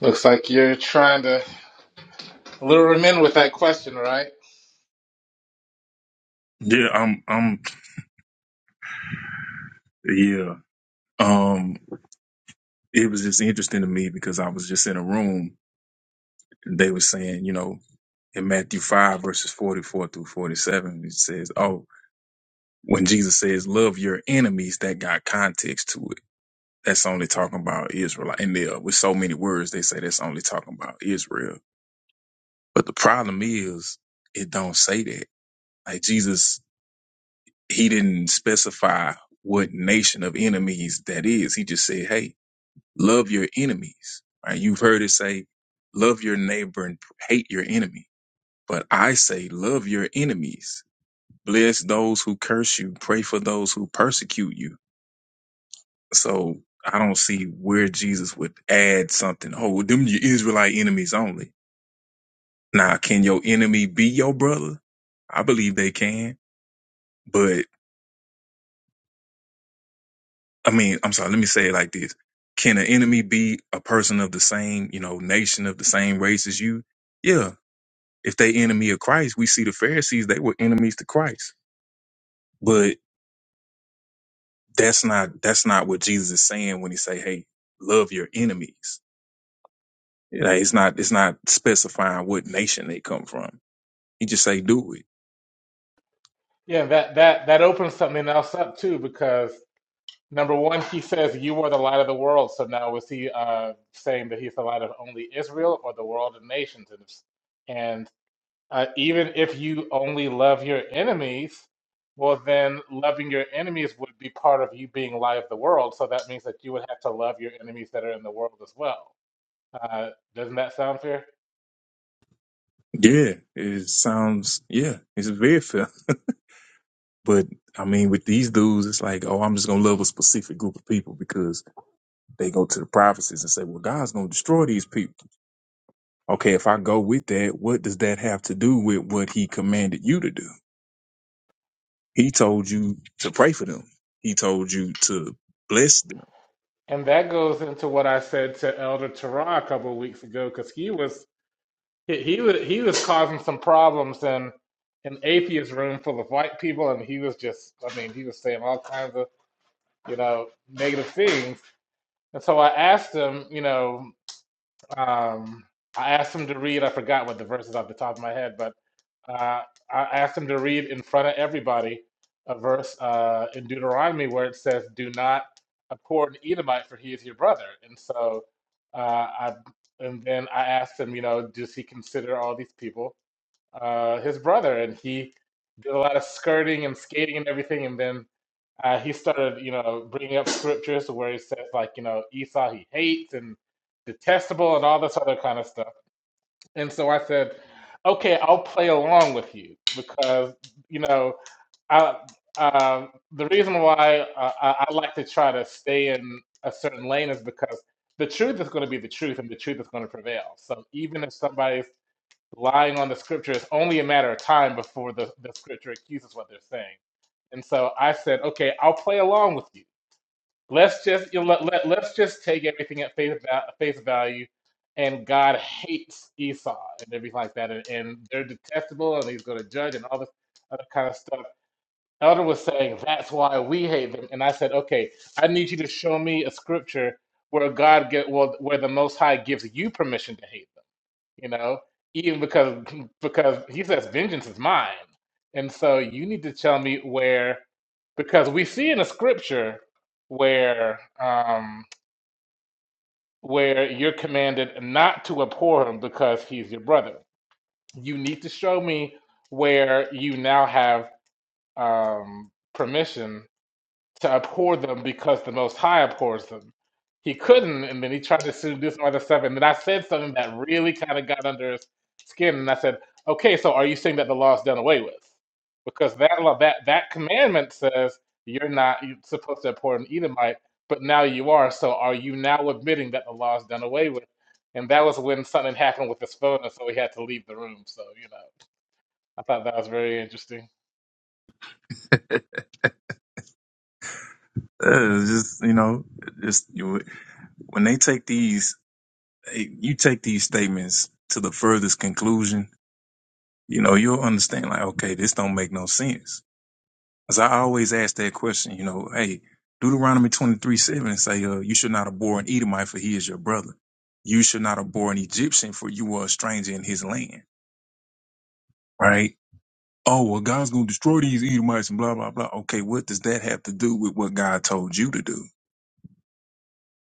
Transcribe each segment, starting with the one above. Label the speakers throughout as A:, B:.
A: Looks like you're trying to lure him in with that question, right?
B: Yeah, I'm I'm yeah. Um it was just interesting to me because I was just in a room and they were saying, you know, in Matthew five verses forty four through forty seven, it says, Oh, when Jesus says love your enemies, that got context to it. That's only talking about Israel. And there with so many words they say that's only talking about Israel. But the problem is it don't say that. Like Jesus, he didn't specify what nation of enemies that is. He just said, hey, Love your enemies. Right? You've heard it say, love your neighbor and hate your enemy. But I say, love your enemies. Bless those who curse you. Pray for those who persecute you. So I don't see where Jesus would add something. Oh, well, them your Israelite enemies only. Now, can your enemy be your brother? I believe they can. But I mean, I'm sorry, let me say it like this. Can an enemy be a person of the same, you know, nation of the same race as you? Yeah, if they enemy of Christ, we see the Pharisees, they were enemies to Christ. But that's not that's not what Jesus is saying when he say, Hey, love your enemies. Like it's not it's not specifying what nation they come from. He just say do it.
A: Yeah, that that that opens something else up too, because number one, he says you are the light of the world. So now was he uh, saying that he's the light of only Israel or the world of nations? And it's- and uh, even if you only love your enemies, well, then loving your enemies would be part of you being light of the world. So that means that you would have to love your enemies that are in the world as well. Uh, doesn't that sound fair?
B: Yeah. It sounds yeah, it's very fair. But I mean with these dudes, it's like, oh, I'm just gonna love a specific group of people because they go to the prophecies and say, Well, God's gonna destroy these people. Okay, if I go with that, what does that have to do with what he commanded you to do? He told you to pray for them. He told you to bless them.
A: And that goes into what I said to Elder Tara a couple of weeks ago, because he was he, he was he was causing some problems in an atheist room full of white people, and he was just I mean he was saying all kinds of you know negative things. And so I asked him, you know, um, I asked him to read. I forgot what the verses off the top of my head, but uh, I asked him to read in front of everybody a verse uh, in Deuteronomy where it says, "Do not abhor an Edomite, for he is your brother." And so, uh, I and then I asked him, you know, does he consider all these people uh, his brother? And he did a lot of skirting and skating and everything. And then uh, he started, you know, bringing up scriptures where he says, like, you know, Esau he hates and detestable and all this other kind of stuff. And so I said, okay, I'll play along with you because, you know, I, um, the reason why uh, I, I like to try to stay in a certain lane is because the truth is going to be the truth and the truth is going to prevail. So even if somebody's lying on the scripture, it's only a matter of time before the, the scripture accuses what they're saying. And so I said, okay, I'll play along with you Let's just you know, let, let, let's just take everything at face va face value, and God hates Esau and everything like that, and, and they're detestable, and He's going to judge and all this other kind of stuff. Elder was saying that's why we hate them, and I said, okay, I need you to show me a scripture where God get well, where the Most High gives you permission to hate. them you know, even because because he says vengeance is mine. And so you need to tell me where because we see in the scripture where um where you're commanded not to abhor him because he's your brother. You need to show me where you now have um permission to abhor them because the Most High abhors them. He couldn't, and then he tried to seduce my other stuff. And then I said something that really kind of got under his skin, and I said, "Okay, so are you saying that the law is done away with? Because that law, that that commandment says you're not you're supposed to abhor an Edomite, but now you are. So are you now admitting that the law is done away with?" And that was when something happened with his phone, and so he had to leave the room. So you know, I thought that was very interesting.
B: Uh, it's just you know, just you, when they take these, eh, you take these statements to the furthest conclusion. You know, you'll understand. Like, okay, this don't make no sense. As I always ask that question, you know, hey, Deuteronomy twenty three seven say, uh, you should not abhor an Edomite for he is your brother. You should not abhor an Egyptian for you are a stranger in his land. Right oh, well, God's going to destroy these Edomites and blah, blah, blah. Okay, what does that have to do with what God told you to do?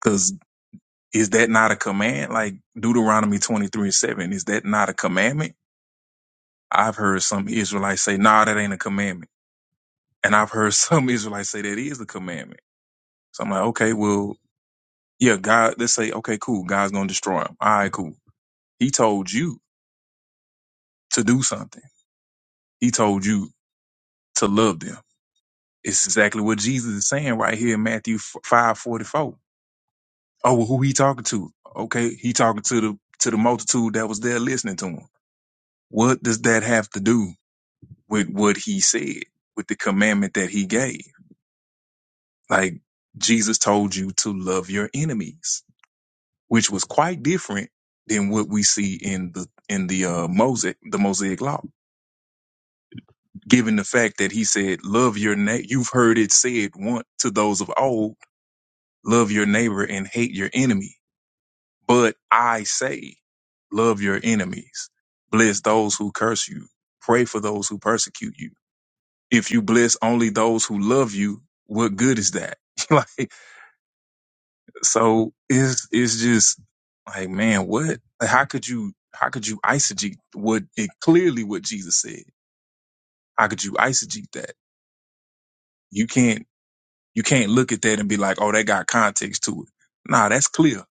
B: Because is that not a command? Like Deuteronomy 23 and 7, is that not a commandment? I've heard some Israelites say, nah, that ain't a commandment. And I've heard some Israelites say that is a commandment. So I'm like, okay, well, yeah, God, let's say, okay, cool. God's going to destroy them. All right, cool. He told you to do something. He told you to love them. It's exactly what Jesus is saying right here in Matthew 5 44. Oh, well, who he talking to? Okay, he talking to the to the multitude that was there listening to him. What does that have to do with what he said, with the commandment that he gave? Like Jesus told you to love your enemies, which was quite different than what we see in the in the uh, Mosaic the Mosaic law. Given the fact that he said, "Love your neighbor," you've heard it said once to those of old, "Love your neighbor and hate your enemy." But I say, love your enemies, bless those who curse you, pray for those who persecute you. If you bless only those who love you, what good is that? like, so it's it's just like, man, what? Like, how could you how could you eisegete what it clearly what Jesus said? How could you eisegete that? You can't you can't look at that and be like, oh, that got context to it. Nah, that's clear.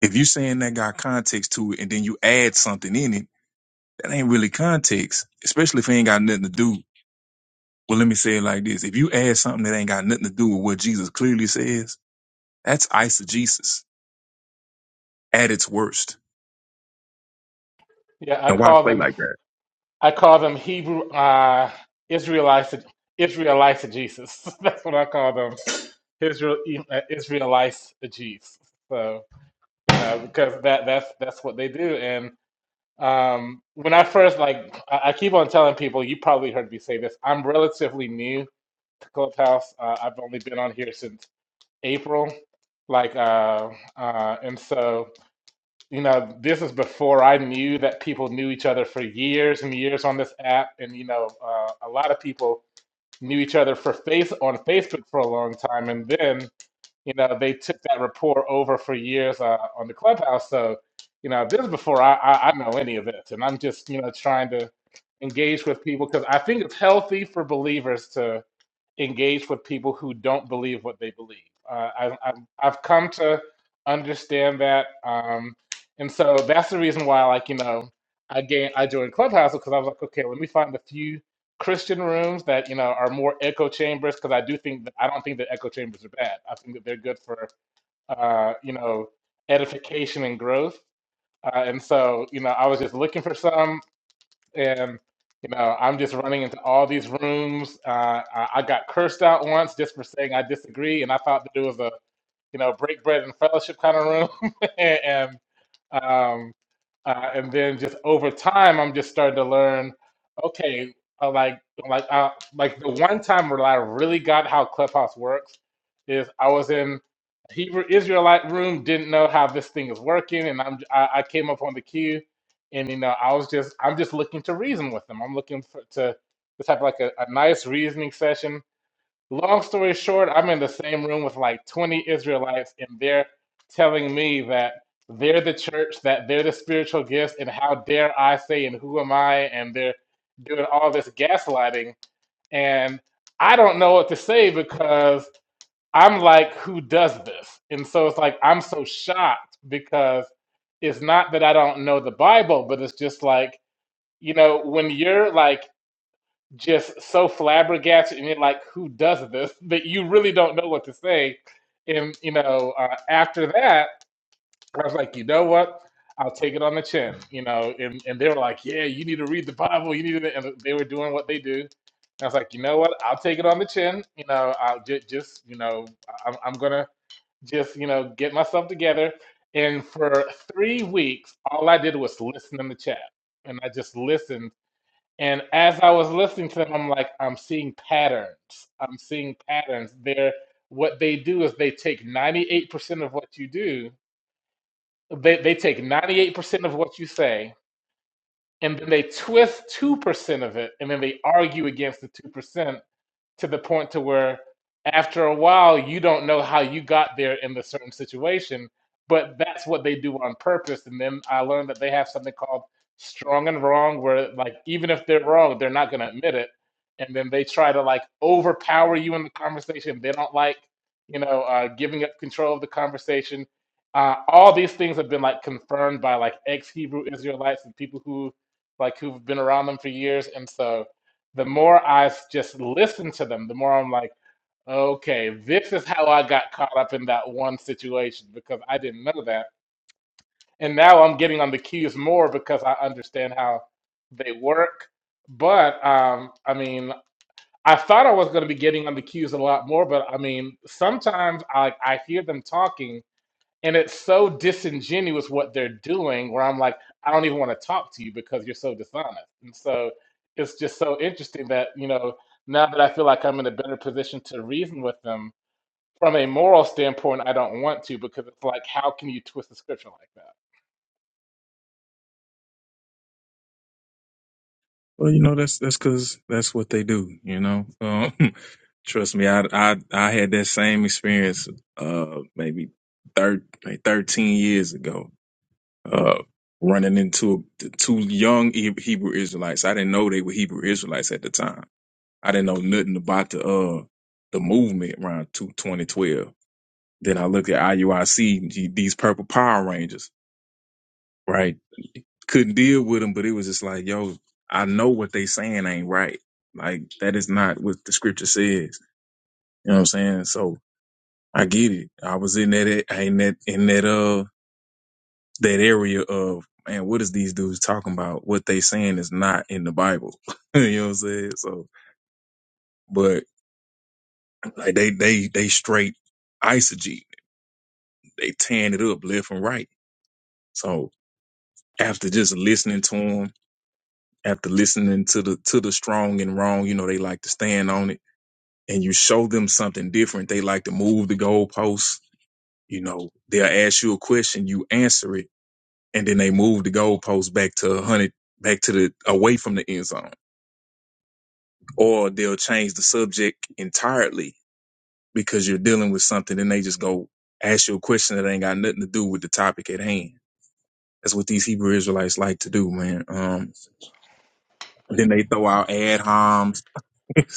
B: If you saying that got context to it, and then you add something in it that ain't really context, especially if it ain't got nothing to do. Well, let me say it like this. If you add something that ain't got nothing to do with what Jesus clearly says, that's eisegesis at its worst.
A: Yeah, I
B: And why
A: called
B: play
A: them.
B: like that?
A: I call them Hebrew uh, Israelites, Israelites Jesus. That's what I call them, Israel uh, Israelites Jesus. So uh, because that that's that's what they do. And um, when I first like, I, I keep on telling people, you probably heard me say this. I'm relatively new to Clubhouse. Uh, I've only been on here since April, like, uh, uh, and so you know, this is before I knew that people knew each other for years and years on this app, and you know, uh, a lot of people knew each other for face on Facebook for a long time, and then you know they took that rapport over for years uh, on the Clubhouse. So, you know, this is before I, I, I know any of this, and I'm just you know trying to engage with people because I think it's healthy for believers to engage with people who don't believe what they believe. Uh, I, I've, I've come to understand that, um, and so that's the reason why, like you know, I gained, I joined Clubhouse because I was like, okay, let me find a few Christian rooms that you know are more echo chambers because I do think that I don't think that echo chambers are bad. I think that they're good for uh, you know edification and growth. Uh, and so you know, I was just looking for some and you know i'm just running into all these rooms uh, I, I got cursed out once just for saying i disagree and i thought that it was a you know break bread and fellowship kind of room and um, uh, and then just over time, I'm just starting to learn. Okay, uh, like like uh, like the one time where I really got how Clubhouse works is I was in a Hebrew Israelite room, didn't know how this thing is working, and I'm I, I came up on the queue, and you know I was just I'm just looking to reason with them. I'm looking for to just have like a, a nice reasoning session Long story short, I'm in the same room with like 20 Israelites, and they're telling me that they're the church, that they're the spiritual gifts, and how dare I say, and who am I? And they're doing all this gaslighting. And I don't know what to say because I'm like, who does this? And so it's like, I'm so shocked because it's not that I don't know the Bible, but it's just like, you know, when you're like just so flabbergasted and you're like, who does this? That you really don't know what to say. And you know, uh, after that, I was like, you know what? I'll take it on the chin. You know, and and they were like, yeah, you need to read the Bible. You need to, and they were doing what they do. And I was like, you know what? I'll take it on the chin. You know, I'll just, just you know, I'm, I'm gonna just, you know, get myself together. And for three weeks, all I did was listen in the chat, and I just listened and as I was listening to them, I'm like, I'm seeing patterns. I'm seeing patterns. They're what they do is they take 98% of what you do, they, they take 98% of what you say, and then they twist 2% of it, and then they argue against the 2% to the point to where after a while you don't know how you got there in the certain situation but that's what they do on purpose and then i learned that they have something called strong and wrong where like even if they're wrong they're not going to admit it and then they try to like overpower you in the conversation they don't like you know uh, giving up control of the conversation uh, all these things have been like confirmed by like ex hebrew israelites and people who like who've been around them for years and so the more I s- just listen to them, the more I'm like, okay, this is how I got caught up in that one situation because I didn't know that. And now I'm getting on the cues more because I understand how they work. But um, I mean, I thought I was going to be getting on the cues a lot more, but I mean, sometimes I, I hear them talking and it's so disingenuous what they're doing, where I'm like, I don't even want to talk to you because you're so dishonest. And so it's just so interesting that, you know, now that I feel like I'm in a better position to reason with them from a moral standpoint, I don't want to because it's like, how can you twist the scripture like that?
B: Well, you know, that's that's because that's what they do, you know? Um, trust me, I, I, I had that same experience uh, maybe thir- like 13 years ago. Uh, running into two young Hebrew Israelites. I didn't know they were Hebrew Israelites at the time I didn't know nothing about the uh the movement around two twenty twelve. Then I looked at IUIC, gee, these purple Power Rangers, right? Couldn't deal with them, but it was just like, yo, I know what they saying ain't right. Like that is not what the scripture says. You know what I'm saying? So I get it. I was in that in that in that uh that area of man, what is these dudes talking about? What they saying is not in the Bible. you know what I'm saying? So, but like they they they straight isogees. they tearing it up left and right. So after just listening to them, after listening to the to the strong and wrong, you know, they like to stand on it. And you show them something different. They like to move the goalposts. You know, they'll ask you a question, you answer it, and then they move the goalposts back to a hundred, back to the away from the end zone. Or they'll change the subject entirely because you're dealing with something, and they just go ask you a question that ain't got nothing to do with the topic at hand. That's what these Hebrew Israelites like to do, man. Um, Then they throw out ad homs,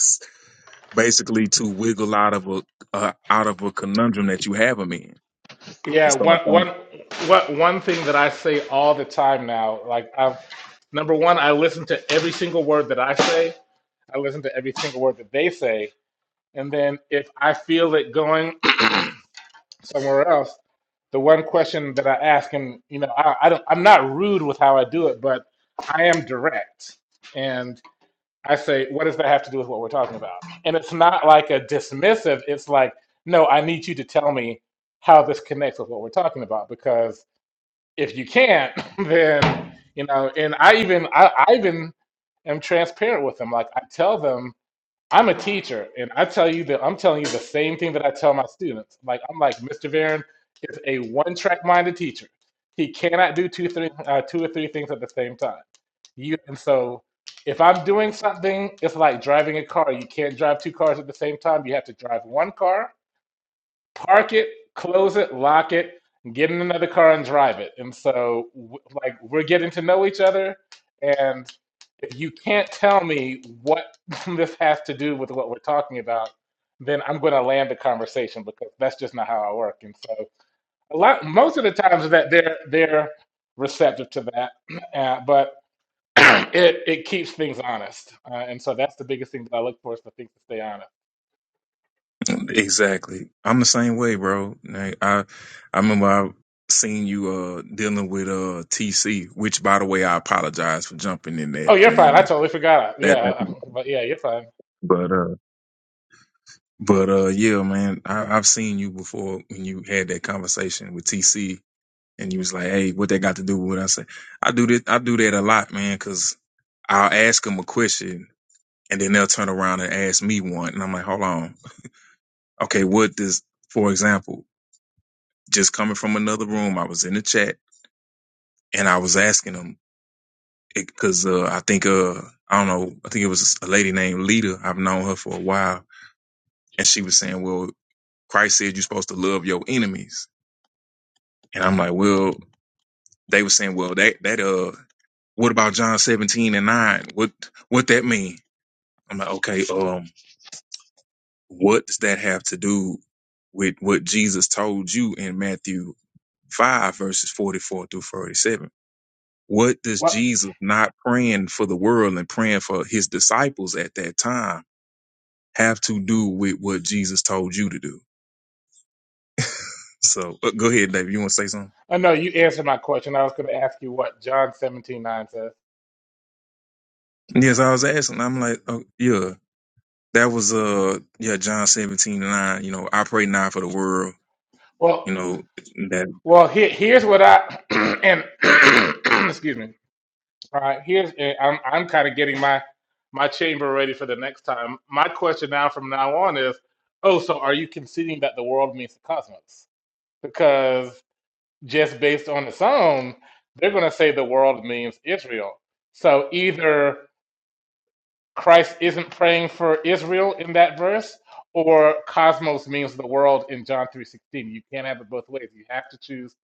B: basically to wiggle out of a uh, out of a conundrum that you have them in. They
A: Yeah,
B: start
A: one one
B: talking.
A: what one thing that I say all the time now, like i number one, I listen to every single word that I say. I listen to every single word that they say. And then if I feel it going somewhere else, the one question that I ask him, you know, I, I don't, I'm not rude with how I do it, but I am direct. And I say, what does that have to do with what we're talking about? And it's not like a dismissive, it's like, no, I need you to tell me how this connects with what we're talking about. Because if you can't, then, you know, and I even, I, I even am transparent with them. Like I tell them, I'm a teacher, and I tell you that I'm telling you the same thing that I tell my students. Like I'm like Mr. Varen is a one-track minded teacher. He cannot do two, three, uh, two or three things at the same time. You and so if I'm doing something, it's like driving a car. You can't drive two cars at the same time. You have to drive one car park it, close it, lock it, get in another car and drive it. And so, w- like, we're getting to know each other. And if you can't tell me what this has to do with what we're talking about, then I'm going to land the conversation because that's just not how I work. And so, a lot, most of the times that they're they're receptive to that, uh, but it it keeps things honest. Uh, and so that's the biggest thing that I look for is for things to stay honest.
B: Exactly. I'm the same way, bro. Like, I I remember I seen you uh dealing with uh TC, which by the way I apologize for jumping in
A: Oh,
B: that,
A: you're
B: man.
A: fine. I
B: That,
A: totally forgot. Yeah,
B: that
A: uh,
B: that's-
A: but yeah, you're fine.
B: but uh but uh yeah, man, I, I've seen you before when you had that conversation with TC And you was like, hey, what that got to do with what I say? I do this? I do that a lot, man, because I'll ask them a question and then they'll turn around and ask me one. And I'm like, hold on. Okay, what does, for example, just coming from another room, I was in the chat and I was asking them because uh, I think, uh, I don't know, I think it was a lady named Lita. I've known her for a while. And she was saying, well, Christ said you're supposed to love your enemies. And I'm like, well, they were saying, well, that, that, uh, What about John 17 and 9? What what that mean? I'm like, okay, um, what does that have to do with what Jesus told you in Matthew 5, verses 44 through 47? What does
A: What?
B: Jesus not praying for the world and praying for his disciples at that time have to do with what Jesus told you to do? So uh, go ahead, David. You want to say something?
A: I know you answered my question. I was going to ask you what John seventeen nine says.
B: Yes, I was asking. I'm like, oh, yeah, that was, uh, yeah, John 17 and 9. You know, I pray not for the world, you
A: Well,
B: know,
A: well, here, here's what I and excuse me. All right, here's and I'm I'm kind of getting my my chamber ready for the next time. My question now from now on is, oh, so are you conceding that the world means the cosmos? Because just based on its own, they're going to say the world means Israel. So either Christ isn't praying for Israel in that verse, or cosmos means the world in John 3:16. You can't have it both ways. You have to choose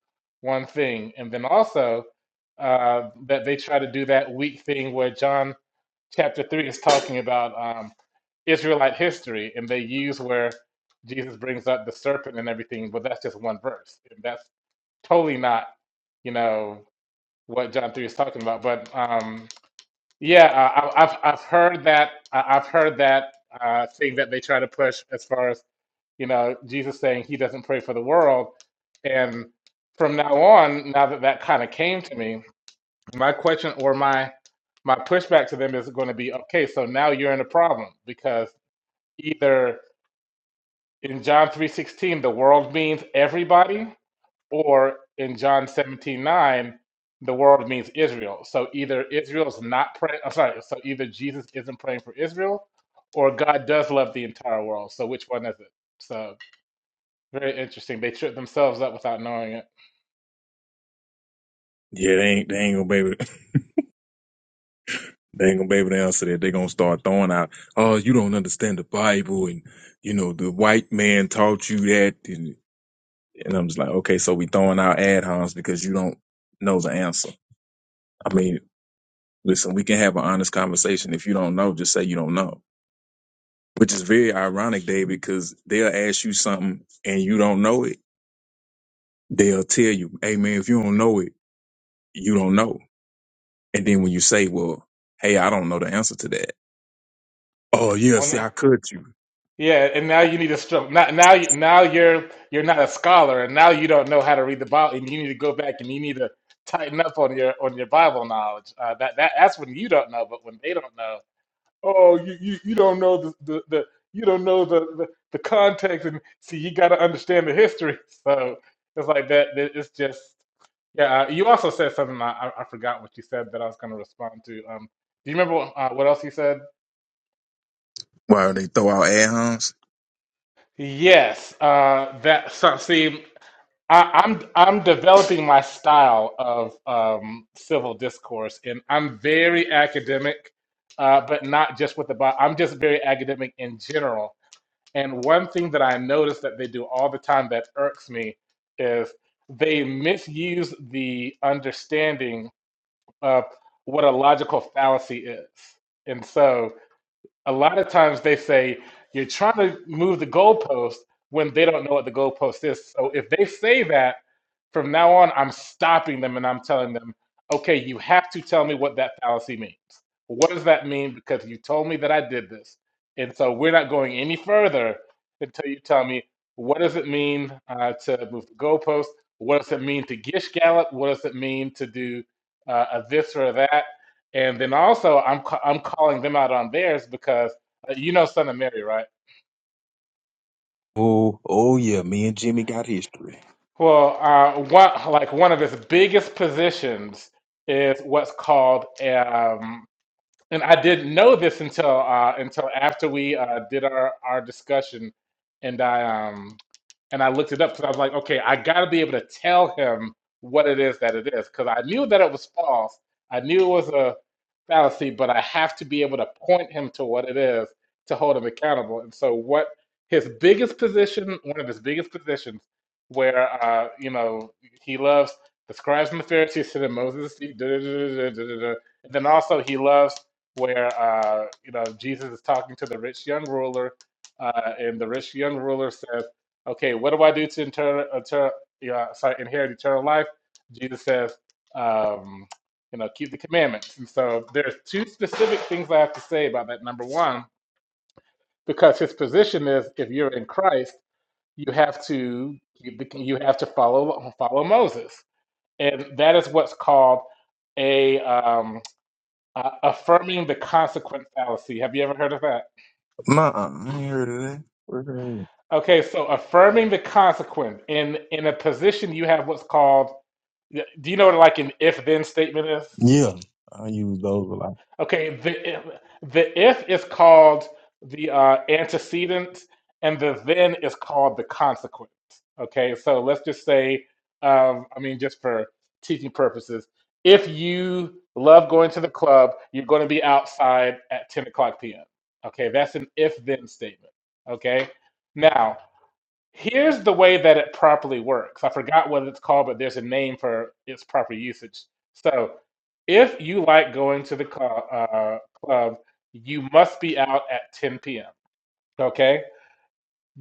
A: one thing. And then also uh, that they try to do that weak thing where John chapter 3 is talking about um, Israelite history, and they use where Jesus brings up the serpent and everything, but that's just one verse. And that's totally not, you know, what John 3 is talking about. But um, yeah, uh, I, I've I've heard that I- I've heard that uh, thing that they try to push as far as you know Jesus saying he doesn't pray for the world, and from now on, now that that kind of came to me, my question or my my pushback to them is going to be okay. So now you're in a problem because either in John three sixteen the world means everybody, or in John 17 9, the world means Israel. So either Israel is not praying, I'm sorry, so either Jesus isn't praying for Israel or God does love the entire world. So which one is it? So very interesting. They trip themselves up without knowing it.
B: Yeah, they ain't they ain't gonna be able to, they ain't gonna be able to answer that. They're gonna start throwing out, oh, you don't understand the Bible, and you know the white man taught you that, and, and I'm just like, okay, so we throwing out ad homs because you don't know the answer. I mean, listen, we can have an honest conversation. If you don't know, just say you don't know. Which is very ironic, David, because they'll ask you something and you don't know it. They'll tell you, hey man, if you don't know it, you don't know. And then when you say, well, hey, I don't know the answer to that. Oh yeah,
A: Well,
B: see,
A: no.
B: I could you.
A: Yeah, and now you need to struggle. Now, now, you, now you're you're not a scholar, and now you don't know how to read the Bible, and you need to go back and you need to tighten up on your on your Bible knowledge. Uh, that that that's when you don't know, but when they don't know Oh, you, you, you don't know the, the, the you don't know the, the, the context and see you got to understand the history. So it's like that. that- It's just yeah. uh, You also said something I, I I forgot what you said that I was going to respond to. Um, do you remember what, uh, what else you said?
B: Why they throw out ad homs?
A: Yes. Uh, that so, see, I, I'm I'm developing my style of um, civil discourse, and I'm very academic, uh, but not just with the Bible. I'm just very academic in general And one thing that I notice that they do all the time that irks me is they misuse the understanding of what a logical fallacy is. And so a lot of times they say you're trying to move the goalpost when they don't know what the goalpost is. So if they say that from now on, I'm stopping them and I'm telling them, okay, you have to tell me what that fallacy means. What does that mean? Because you told me that I did this. And so we're not going any further until you tell me what does it mean uh, to move the goalpost? What does it mean to gish gallop? What does it mean to do uh, a this or a that? And then also, I'm ca- I'm calling them out on theirs because uh, you know Son of Mary, right?
B: Oh, oh yeah, me and Jimmy got history.
A: Well, uh, one like one of his biggest positions is what's called um, And I didn't know this until uh, until after we uh, did our, our discussion, and I um and I looked it up because I was like, okay, I got to be able to tell him what it is that it is because I knew that it was false. I knew it was a fallacy, but I have to be able to point him to what it is to hold him accountable. And so, what his biggest position, one of his biggest positions, where uh, you know he loves the scribes and the Pharisees, and Moses, da, da, da, da, da, da, da. and then also he loves where uh, you know Jesus is talking to the rich young ruler, uh, and the rich young ruler says, "Okay, what do I do to inter- inter- uh, sorry, inherit eternal life?" Jesus says, um, "You know, keep the commandments." And so there's two specific things I have to say about that. Number one, because his position is, if you're in Christ, you have to you, you have to follow follow Moses, and that is what's called a um, uh, affirming the consequent fallacy. Have you ever heard of that?
B: Nah, I ain't heard of that. Where that
A: Okay, so affirming the consequent in in a position you have what's called. Do you know what like an if then statement is?
B: at? Yeah, I use those a lot.
A: Okay, the the if is called the uh, antecedent, and the then is called the consequence. Okay, so let's just say, um, I mean, just for teaching purposes, if you love going to the club, you're going to be outside at 10 o'clock p.m. Okay, that's an if then statement. Okay, now Here's the way that it properly works. I forgot what it's called, but there's a name for its proper usage. So, if you like going to the cl- uh, club, you must be out at 10 p.m. Okay,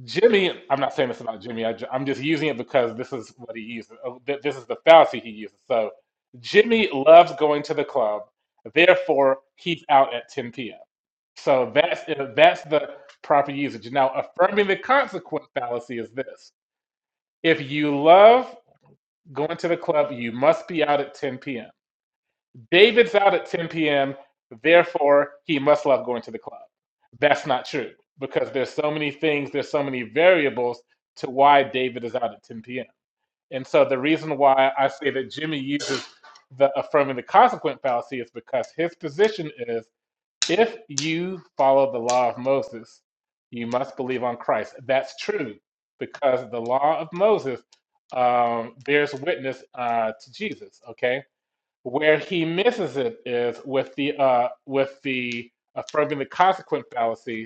A: Jimmy. I'm not saying this about Jimmy. I, am just using it because this is what he uses. oh, th- This is the fallacy he uses. So, Jimmy loves going to the club. Therefore, he's out at 10 p.m. So that's uh, that's the proper usage. Now, affirming the consequent fallacy is this. If you love going to the club, you must be out at 10 p.m. David's out at 10 p.m., therefore, he must love going to the club. That's not true because there's so many things, there's so many variables to why David is out at 10 p.m. And so the reason why I say that Jimmy uses the affirming the consequent fallacy is because his position is if you follow the law of Moses, you must believe on Christ. That's true because the law of Moses um, bears witness uh, to Jesus. Okay, where he misses it is with the uh, with the affirming the consequent fallacy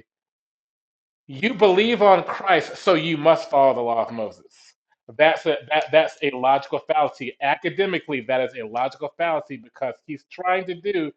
A: you believe on Christ, so you must follow the law of Moses. That's a that, that's a logical fallacy. Academically, that is a logical fallacy because he's trying to do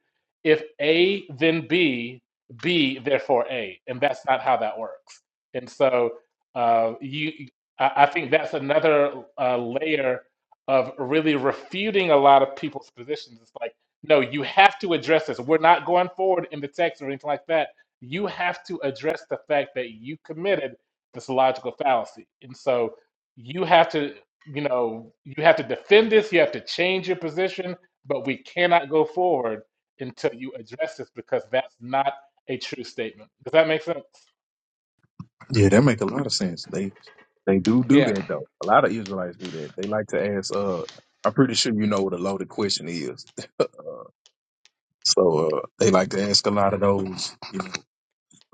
A: if A then B, B therefore A, and that's not how that works. And so uh, you, I, I think that's another uh, layer of really refuting a lot of people's positions. It's like, no, you have to address this. We're not going forward in the text or anything like that you have to address the fact that you committed this logical fallacy. And so you have to, you know, you have to defend this, you have to change your position, but we cannot go forward until you address this because that's not a true statement. Does that make sense?
B: Yeah, that make a lot of sense. They they do do
A: Yeah,
B: that though. A lot of Israelites do that. They like to ask. Uh, I'm pretty sure you know what a loaded question is. So uh, they like to ask a lot of those you know,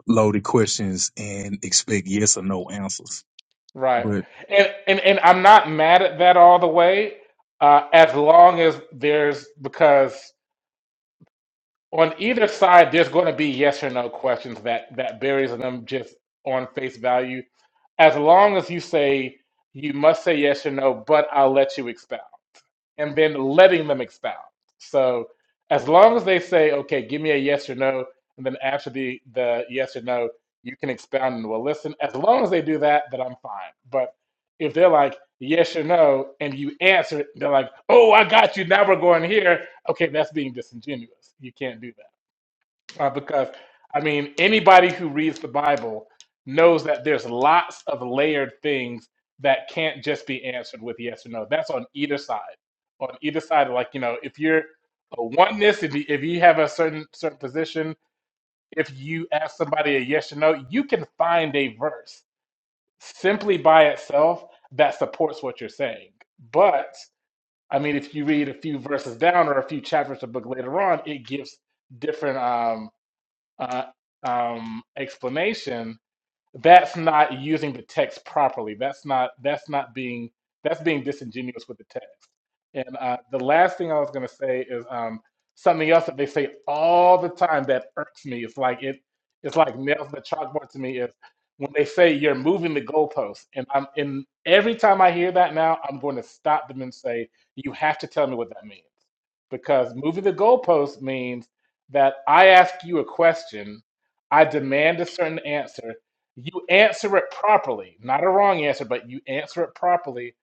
B: loaded questions and expect yes or no answers.
A: right.
B: but.
A: And and, and I'm not mad at that all the way, uh, as long as there's because on either side, there's going to be yes or no questions that that buries them just on face value. As long as you say you must say yes or no, but I'll let you expound, and then letting them expound. So as long as they say, okay, give me a yes or no, and then after the the yes or no, you can expound and we'll listen. As long as they do that, then I'm fine. But if they're like yes or no, and you answer it, they're like, oh, I got you. Now we're going here. Okay, that's being disingenuous. You can't do that. Uh, because, I mean, anybody who reads the Bible knows that there's lots of layered things that can't just be answered with yes or no. That's on either side. On either side, like, you know, if you're a oneness, if you, if you have a certain certain position, if you ask somebody a yes or no, you can find a verse simply by itself that supports what you're saying. But, I mean, if you read a few verses down or a few chapters of the book later on, it gives different. Um, uh, um, explanation that's not using the text properly. That's not that's not being that's being disingenuous with the text. And uh, the last thing I was going to say is um, something else that they say all the time that irks me. It's like it it's like nails to the chalkboard to me is when they say you're moving the goalposts. And I'm and every time I hear that now, I'm going to stop them and say you have to tell me what that means because moving the goalposts means that I ask you a question, I demand a certain answer you answer it properly, not a wrong answer, but you answer it properly.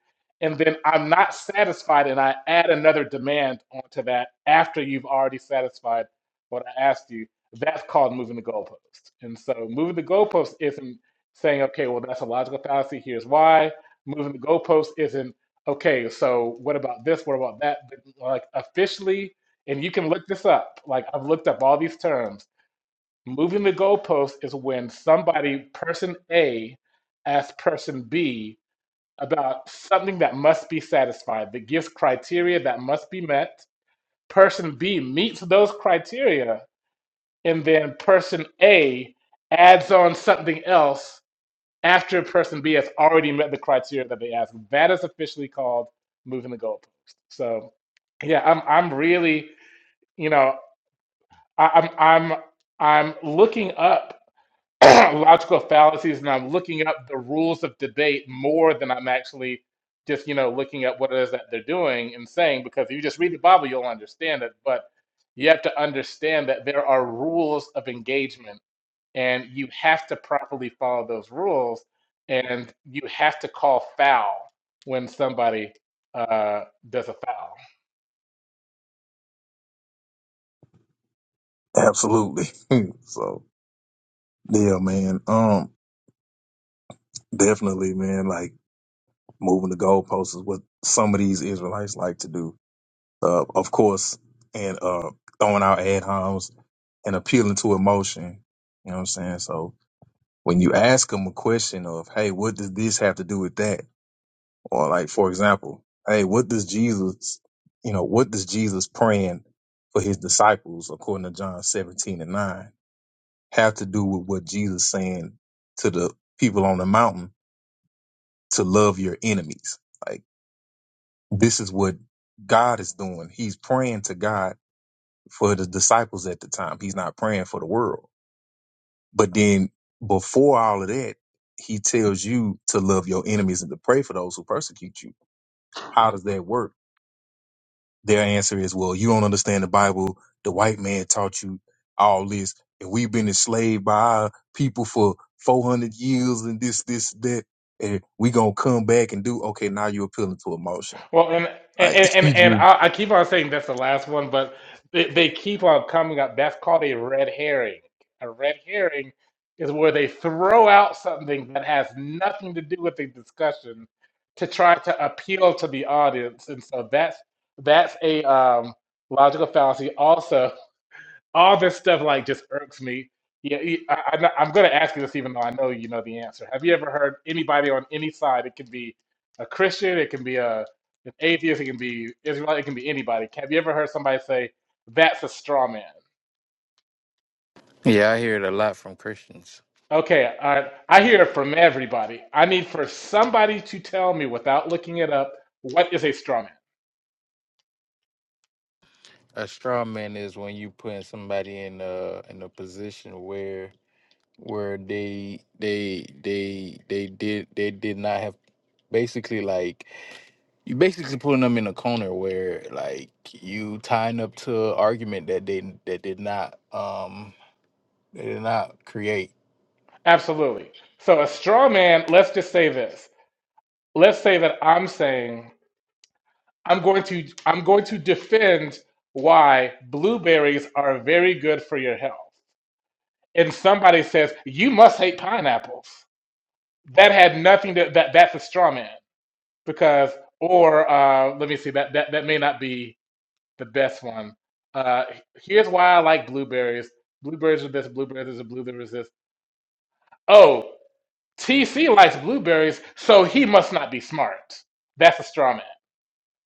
A: And then I'm not satisfied, and I add another demand onto that after you've already satisfied what I asked you. That's called moving the goalpost. And so moving the goalpost isn't saying, okay, well, that's a logical fallacy, here's why. Moving the goalpost isn't, okay, so what about this? What about that? Like officially, and you can look this up. Like I've looked up all these terms Moving the goalpost is when somebody, person A, asks person B about something that must be satisfied, that gives criteria that must be met. Person B meets those criteria, and then person A adds on something else after person B has already met the criteria that they asked. That is officially called moving the goalpost. So, yeah, I'm I'm really, you know, I, I'm I'm I'm looking up logical fallacies and I'm looking up the rules of debate more than I'm actually just, you know, looking at what it is that they're doing and saying, because if you just read the Bible, you'll understand it. But you have to understand that there are rules of engagement and you have to properly follow those rules and you have to call foul when somebody uh, does a foul.
B: Absolutely. so yeah, man. Um, definitely, man. Like moving the goalposts is what some of these Israelites like to do. Uh, of course, and uh, throwing out ad homs and appealing to emotion. You know what I'm saying? So when you ask them a question of, "Hey, what does this have to do with that?" Or like, for example, hey, what does Jesus, you know, what does Jesus praying for his disciples, according to John 17 and 9, have to do with what Jesus saying to the people on the mountain to love your enemies? Like, this is what God is doing. He's praying to God for the disciples at the time. He's not praying for the world. But then before all of that, he tells you to love your enemies and to pray for those who persecute you. How does that work? Their answer is, well, you don't understand the Bible. The white man taught you all this, and we've been enslaved by our people for 400 years and this, this, that. And we gonna come back and do okay. Now you're appealing to emotion,
A: Well, and and
B: like
A: and,
B: you
A: and
B: just
A: I, I keep on saying that's the last one, but they, they keep on coming up. That's called a red herring. A red herring is where they throw out something that has nothing to do with the discussion to try to appeal to the audience, and so that's that's a um, logical fallacy. Also, all this stuff like just irks me. Yeah, e- I, I, know- I'm going to ask you this, even though I know you know the answer. Have you ever heard anybody on any side? It can be a Christian, it can be a an atheist, it can be Israelite, it can be anybody. Have you ever heard somebody say that's a straw man?
C: Yeah, I hear it a lot from Christians.
A: Okay, I, I hear it from everybody. I need for somebody to tell me without looking it up what is a straw man.
C: A straw man is when you putting somebody in a in a position where where they they they they did they did not have basically like you basically putting them in a corner where like you tying up to an argument that they that did not um they did not create.
A: Absolutely. So a straw man. Let's just say this. Let's say that I'm saying. I'm going to I'm going to defend why blueberries are very good for your health. And somebody says, "You must hate pineapples." That had nothing to that that's a straw man because or uh, let me see that that that may not be the best one. Uh, here's why I like blueberries. Blueberries are this, blueberries are the blueberries this. Oh, TC likes blueberries, so he must not be smart. That's a straw man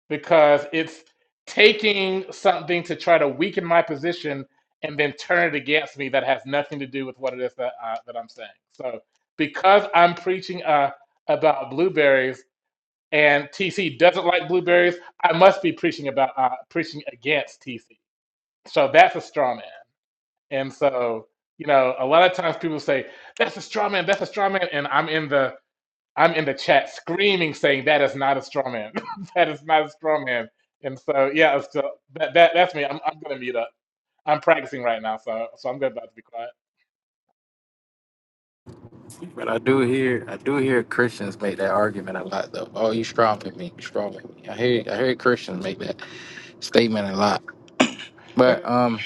A: because it's taking something to try to weaken my position and then turn it against me that has nothing to do with what it is that uh, that I'm saying. So because I'm preaching uh, about blueberries and TC doesn't like blueberries, I must be preaching about uh, preaching against TC. So that's a straw man. And so you know, a lot of times people say that's a straw man, that's a straw man, and I'm in the I'm in the chat screaming, saying that is not a straw man. that is not a straw man. And so, yeah, so that, that that's me. I'm I'm gonna mute up. I'm practicing right now, so so I'm about to be quiet.
C: But I do hear I do hear Christians make that argument a lot though. Oh, you strawman me, you strawman me. I hear I hear Christians make that statement a lot.
A: And
C: But um,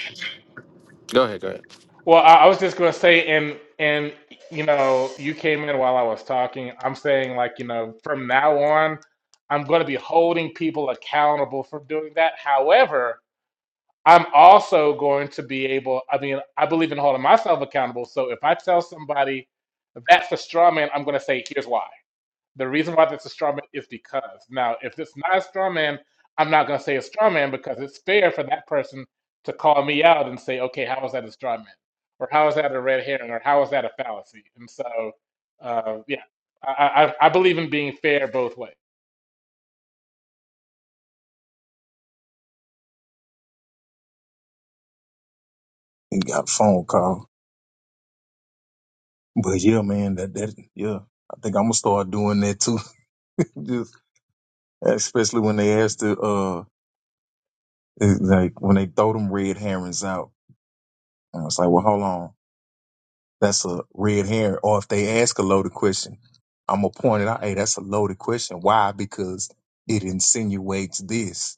C: go ahead, go ahead.
A: well, I, I was just gonna say, and and you know, you came in while I was talking. I'm saying like, you know, from now on, I'm gonna be holding people accountable for doing that. However. I'm also going to be able, I mean, I believe in holding myself accountable. So if I tell somebody that's a straw man, I'm going to say, here's why. The reason why that's a straw man is because. Now, if it's not a straw man, I'm not going to say a straw man because it's fair for that person to call me out and say, okay, how is that a straw man? Or how is that a red herring? Or how is that a fallacy? And so, uh, yeah, I, I, I believe in being fair both ways.
B: got a phone call. But yeah, man, that that yeah, I think I'm gonna start doing that too. Just especially when they ask the uh, it's like when they throw them red herrings out, and it's like, well, hold on. That's a red herring. Or if they ask a loaded question, I'm gonna point it out. Hey, that's a loaded question. Why? Because it insinuates this.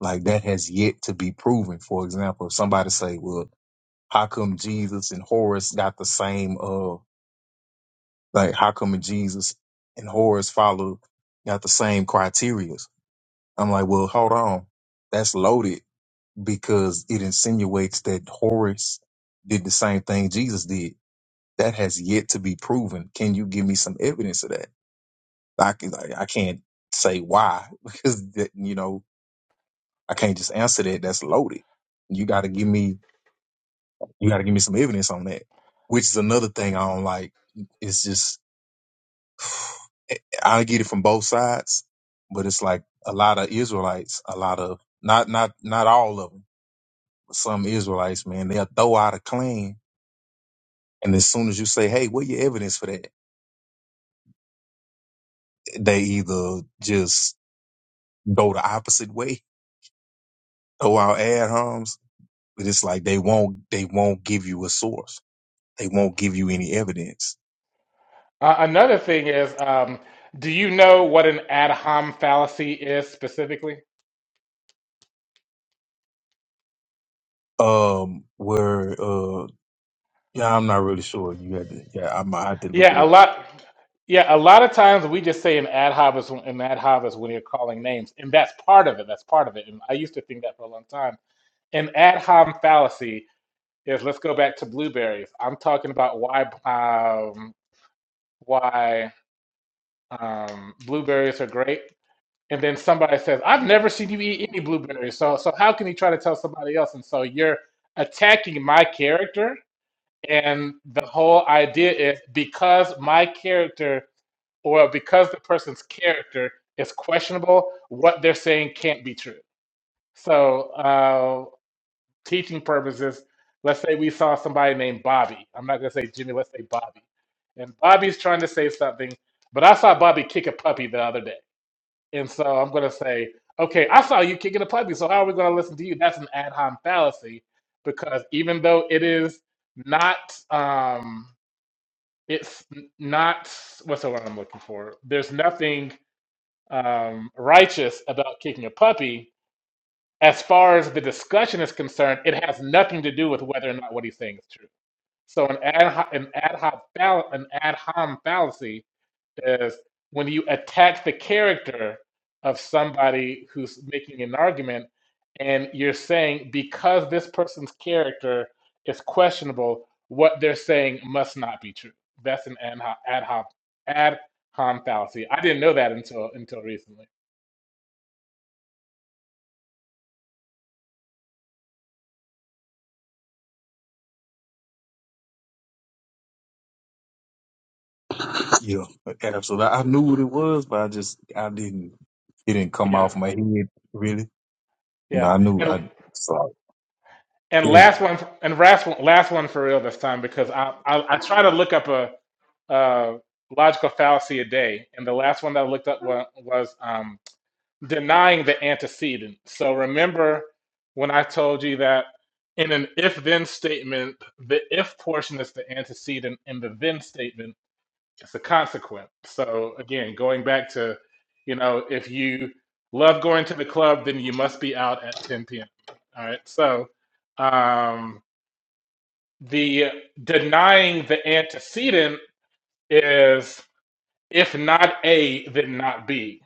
B: Like that has yet to be proven. For example, if somebody say, "Well, how come Jesus and Horus got the same? Uh, like how come Jesus and Horus follow got the same criteria?" I'm like, "Well, hold on. That's loaded because it insinuates that Horus did the same thing Jesus did." That has yet to be proven. Can you give me some evidence of that? I, can, I I can't say why because that, you know I can't just answer that. That's loaded. You got to give me you got to give me some evidence on that, which is another thing I don't like. It's just eh, I get it from both sides, but it's like a lot of Israelites, a lot of not not not all of them, but some Israelites, man, they'll throw out a claim, and as soon as you say, "Hey, what your evidence for that?" They either just go the opposite way Oh, our ad homs, but it's like they won't they won't give you a source. They won't give you any evidence.
A: Uh, another thing is, um, do you know what an ad hom fallacy is specifically?
B: Um, where uh, yeah, I'm not really sure. You had to, yeah, I might have to look it
A: Yeah, a
B: up.
A: lot. Yeah, a lot of times we just say an ad hoc is an ad hoc is when you're calling names, and that's part of it. That's part of it. And I used to think that for a long time. An ad hoc fallacy is let's go back to blueberries. I'm talking about why um, why um, blueberries are great and then somebody says, "I've never seen you eat any blueberries." So, so how can he try to tell somebody else? And so you're attacking my character, and the whole idea is because my character or because the person's character is questionable, what they're saying can't be true. So, uh, teaching purposes, let's say we saw somebody named Bobby. I'm not gonna say Jimmy. Let's say Bobby, and Bobby's trying to say something, but I saw Bobby kick a puppy the other day. And so I'm going to say, okay, I saw you kicking a puppy, so how are we going to listen to you? That's an ad hom fallacy because even though it is not, um, it's n- not, what's the word I'm looking for? There's nothing um, righteous about kicking a puppy. As far as the discussion is concerned, it has nothing to do with whether or not what he's saying is true. So an ad ho- an ad hoc fall- an ad hom fallacy is when you attack the character of somebody who's making an argument and you're saying because this person's character is questionable, what they're saying must not be true. That's an ad hoc ad hoc ad hom fallacy. I didn't know that until until recently.
B: Yeah, absolutely. I I knew what it was, but I just I didn't. It didn't come
A: Yeah,
B: off my head really. You know,
A: yeah.
B: I knew
A: And
B: I saw.
A: and
B: It.
A: last one and last one last one for real this time because I I, I try to look up a, a logical fallacy a day, and the last one that I looked up was, was um, denying the antecedent. So remember when I told you that in an if then statement, the if portion is the antecedent and the then statement is the consequent. So again, going back to, you know, if you love going to the club, then you must be out at 10 p.m. All right. So um, the denying the antecedent is if not A, then not B.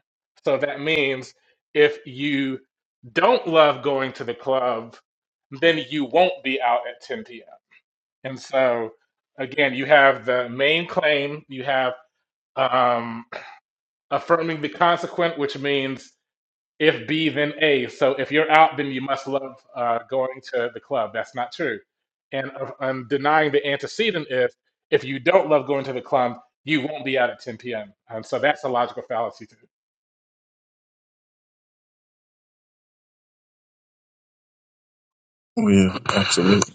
A: So that means if you don't love going to the club, then you won't be out at 10 p.m. And so, again, you have the main claim, you have um, affirming the consequent, which means if B, then A. So if you're out, then you must love uh, going to the club. That's not true. And uh, I'm denying the antecedent is if you don't love going to the club, you won't be out at 10 p.m. And so that's a logical fallacy too.
B: Yeah, absolutely.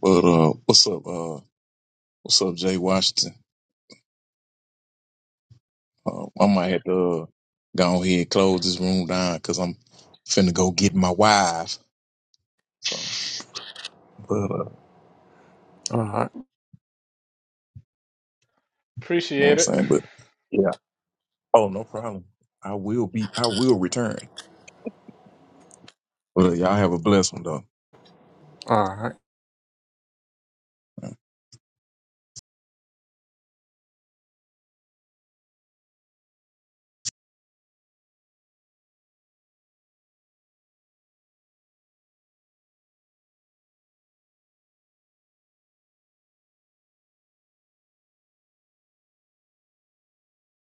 B: But uh, what's up? Uh, what's up, Jay Washington? Uh, I might have to uh, go ahead and close this room down because I'm finna go get my wife But uh, you know
D: All right.
B: what
A: Appreciate
B: I'm
A: it.
B: saying, but yeah. Oh, no problem. I will be. I will return. But uh, y'all have a blessed one though.
D: All right.